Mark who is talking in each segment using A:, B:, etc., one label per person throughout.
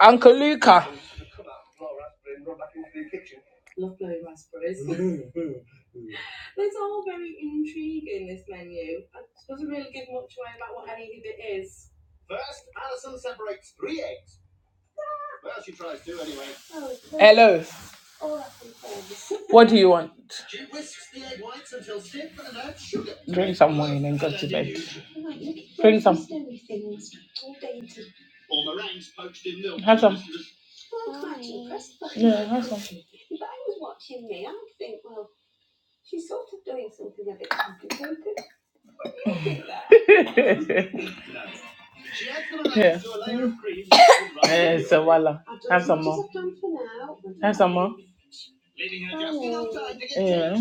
A: Uncle Luca. Hello. What do you want? Drink some wine and go to bed. Drink some. Have some. Yeah, have some. yeah. Yeah, so voila. Have some more. Have some more. Yeah.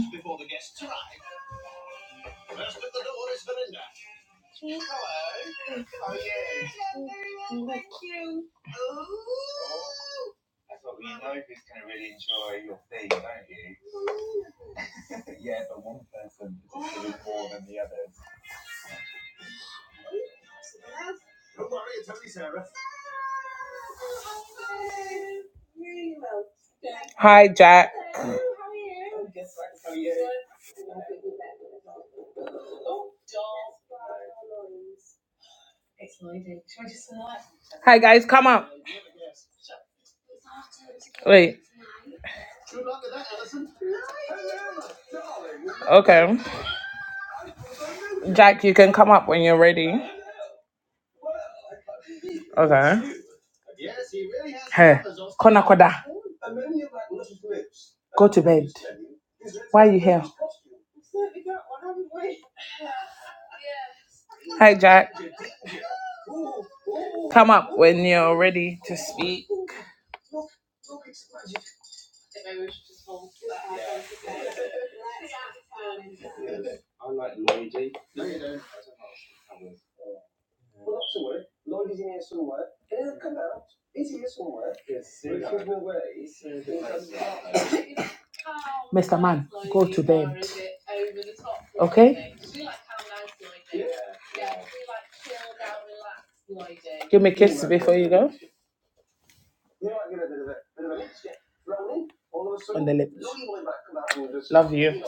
A: Hi, Jack. Hi guys, come up. Wait, okay. Jack, you can come up when you're ready. Okay. Hey, Kona Koda, go to bed. Why are you here? Hi Jack, come up when you're ready to speak. Mr. Man, go to bed. Okay? Give me a kiss before you go. On the lips. Love you.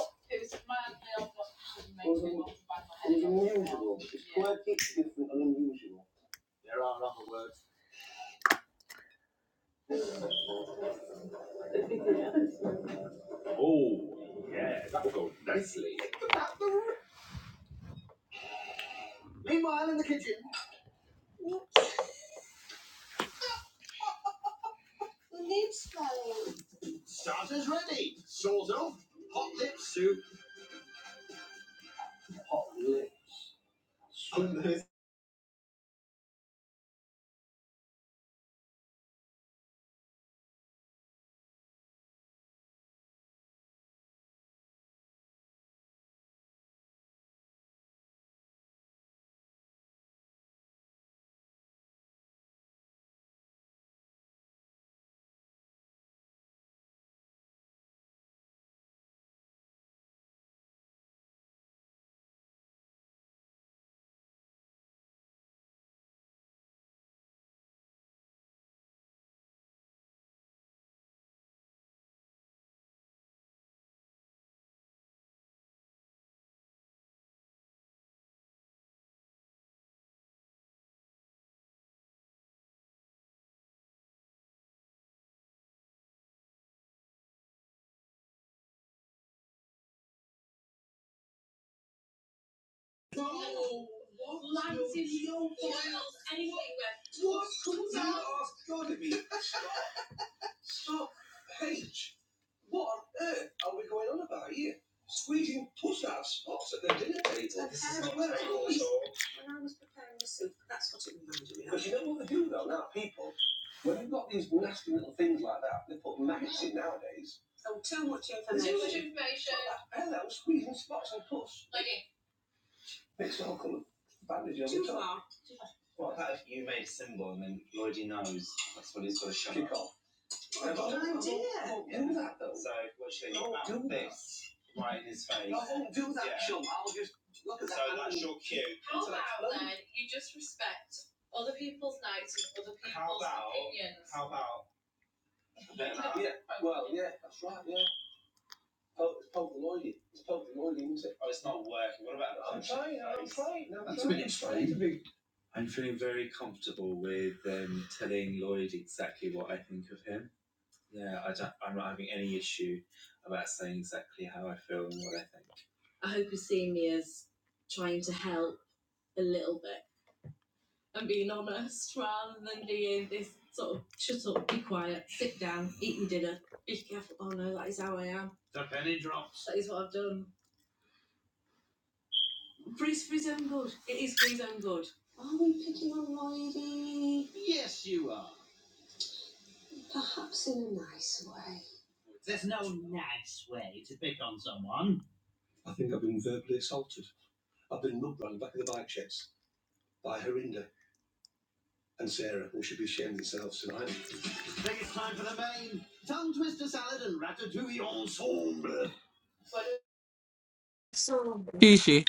A: Kishi.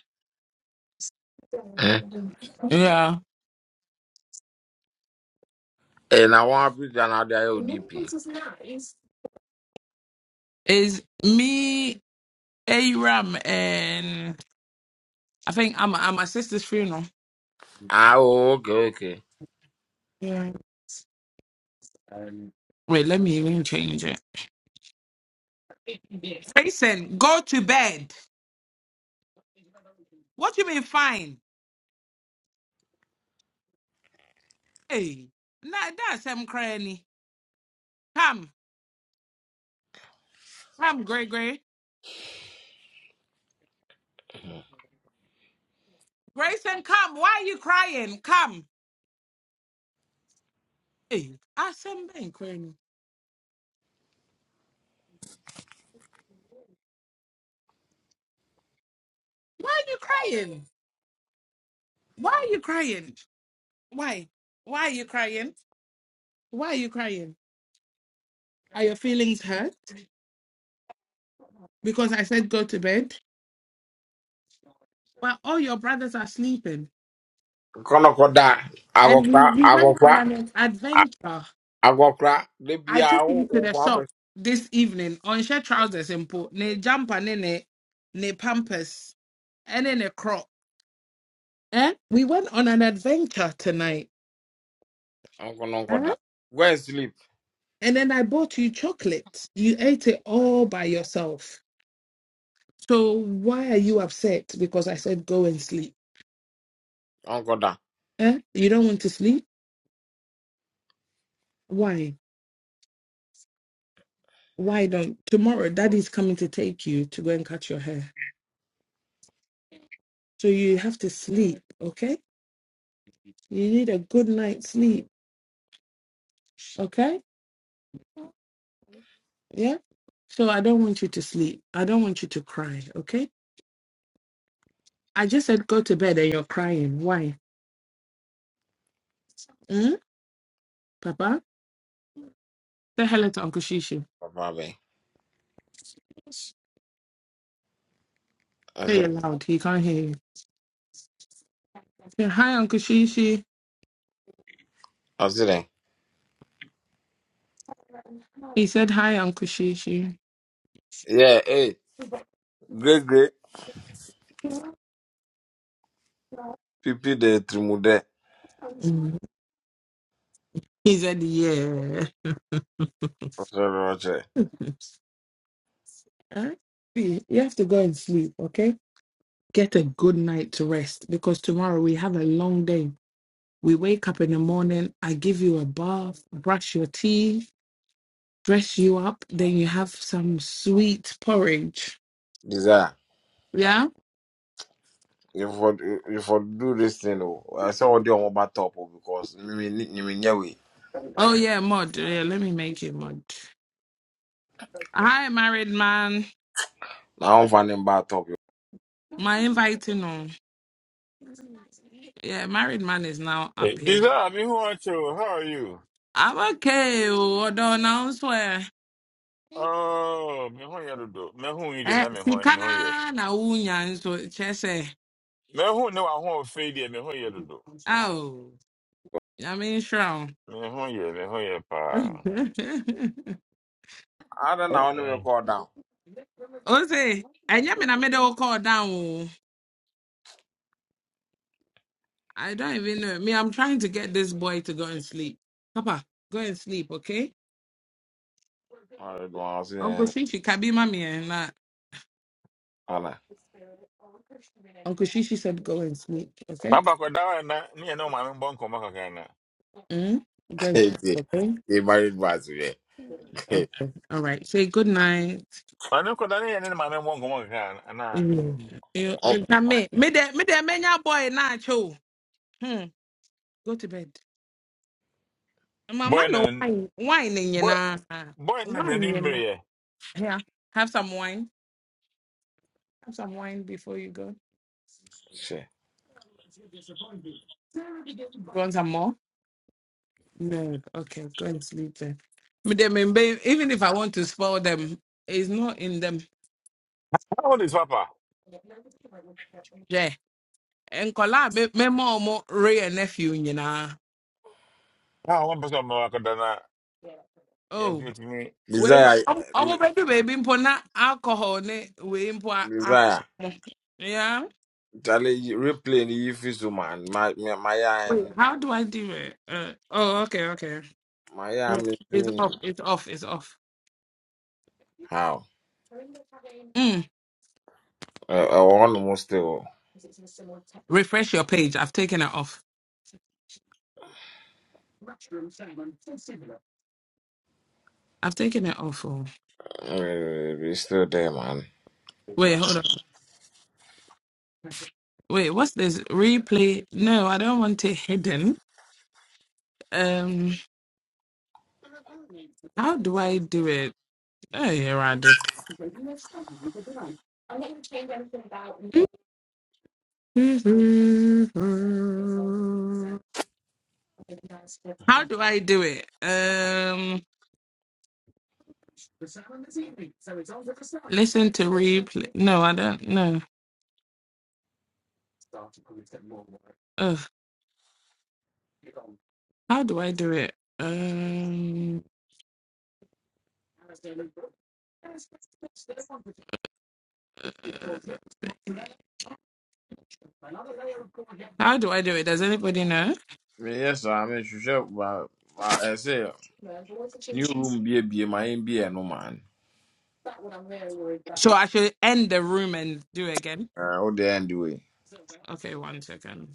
B: Eh,
A: Yeah.
B: eh, na one Africa na the ODP.
A: Is me, Aram, and I think I'm at my sister's funeral.
B: Ah, oh, okay, okay.
A: Yeah. Wait, let me even change it. Jason, go to bed. What you mean fine? Hey, nah, that's him crying. Come, come, Grey Grey. Grayson, come. Why are you crying? Come. Hey, i him been crying. Why are you crying? Why are you crying? Why? Why are you crying? Why are you crying? Are your feelings hurt? Because I said go to bed. While all your brothers are sleeping.
B: Nkọlọkọda
A: And
B: agwọkwa
A: we, we went
B: agwọkwa
A: on an
B: a-
A: adventure.
B: agwọkwa debi
A: I took
B: ahụ
A: him to the
B: ụkwa bụ
A: shop this evening on shirt trousers and put ne jumper ne ne ne pampers and then a crop. Eh? We went on an adventure tonight.
B: nkụnụ nkọda.
A: Eh?
B: Go and sleep.
A: And then I bought you chocolate. You ate it all by yourself. So why are you upset? Because I said go and sleep.
B: Nkọda.
A: Eh? You don't want to sleep? Why? Why don't tomorrow daddy's coming to take you to go and cut your hair? So you have to sleep, okay? You need a good night's sleep, okay? Yeah. So I don't want you to sleep. I don't want you to cry, okay? I just said go to bed and you're crying. Why? Hmm? Papa? Say hello to Uncle Shishi.
B: Papa be.
A: Say it
B: Ọsịrị.
A: loud. He can't hear you. Say hi, Uncle Shishi.
B: Ọsịrị.
A: He said hi, Uncle Shishi.
B: Yeah, eh. Great great pipi de trimode.
A: Mm. He said yeah.
B: Ọsịrị ọchịrị.
A: Huh? See, You have to go and sleep, okay? Get a good night's rest because tomorrow we have a long day. We wake up in the morning, I give you a bath, brush your teeth, dress you up, then you have some sweet porridge.
B: Desire.
A: Yeah?
B: You for you for do this thing o. I saw ọdị ọmụba top o because nyimi nyimi nyewe.
A: Oh, yeah, mud. Yeah, let me make you mud. Hi, married man.
B: Na ọ nfa ne mba top o.
A: My inviting on. Yeah, married man is now up
C: Hey,
A: here.
C: Diza, me who are you? How are you?
A: I'm okay. Although now swear.
C: Oh, me who you do? Me who you dey
A: Eh,
C: na me
A: si
C: who me who you?
A: kana na unya nso chese.
C: Me who no one who fade here, me who you do?
A: Oh, I mean sure.
C: Me who you? Me who you pa?
B: Ada na ọ na-eme
C: Mm.
B: kọọ down.
A: Jose, and yeah, I made middle call down. oh. I don't even know. Me, I'm trying to get this boy to go and sleep. Papa, go and sleep, okay?
B: Mario Gomez
A: Uncle
B: yani.
A: Shishi, Kabi Mami and that.
B: Ana.
A: Uncle Shishi said go and sleep, okay?
C: Baba ko dawa na ni ya no ma me bon ko maka kana.
A: Mm? Go and
B: Di.
A: sleep, okay?
B: Di Mario Gomez be.
A: Okay. All right. Say good night.
C: Ma no ko da ni ya ni ma me bon ko maka kana ana.
A: Mm. Eh, eh,
B: Hop.
A: na Me, me de, me de, me nya boy na cho. Hmm. Go to bed. Mama
C: Boy
A: no
C: na
A: wine, wine in your
C: boy
A: na,
C: boy na
A: wine
C: ni
A: in your
C: mbre
A: na.
C: ye.
A: Here, have some wine. Have some wine before you go.
B: Şey.
A: Want some more? No. Okay, go and sleep then. Me dem may be- Even if I want to spoil them, it's not in them.
C: How old is papa?
A: Yeah. And collab me more mo mo Ray and nephew, you
C: Ah, one person ma ko da na. Yes,
A: Oh.
C: you to me.
A: Well,
B: Mizaya.
A: I'm going to baby mpo na alcohol ne we mpo a-
B: Mizaya.
A: a- Yeah.
B: Tale replay ni yifi so man. Ma ma ma ya
A: Wait, how do I do it? Uh, oh, okay, okay.
B: ma ya
A: Yeah.
B: mi
A: It's
B: mi.
A: off. It's off. It's off.
B: How?
A: Mm.
B: Uh, uh, one more still.
A: Refresh your page. I've taken it off. I've taken it off. Oh.
B: Uh, we still there man.
A: Wait, hold on. Wait, what's this? Replay? No, I don't want it hidden. Um, how do I do it? Oh, yeah, Randy. How do I do it? Um, listen to replay. No, I don't. No. Ugh, how do I do it? Um, how do I do it? Does anybody know?
B: Me yes, I mean, she said, but but I say, new room be a be my be a no man.
A: So I should end the room and do it again.
B: Uh, Oh, the end the way.
A: Okay, one second.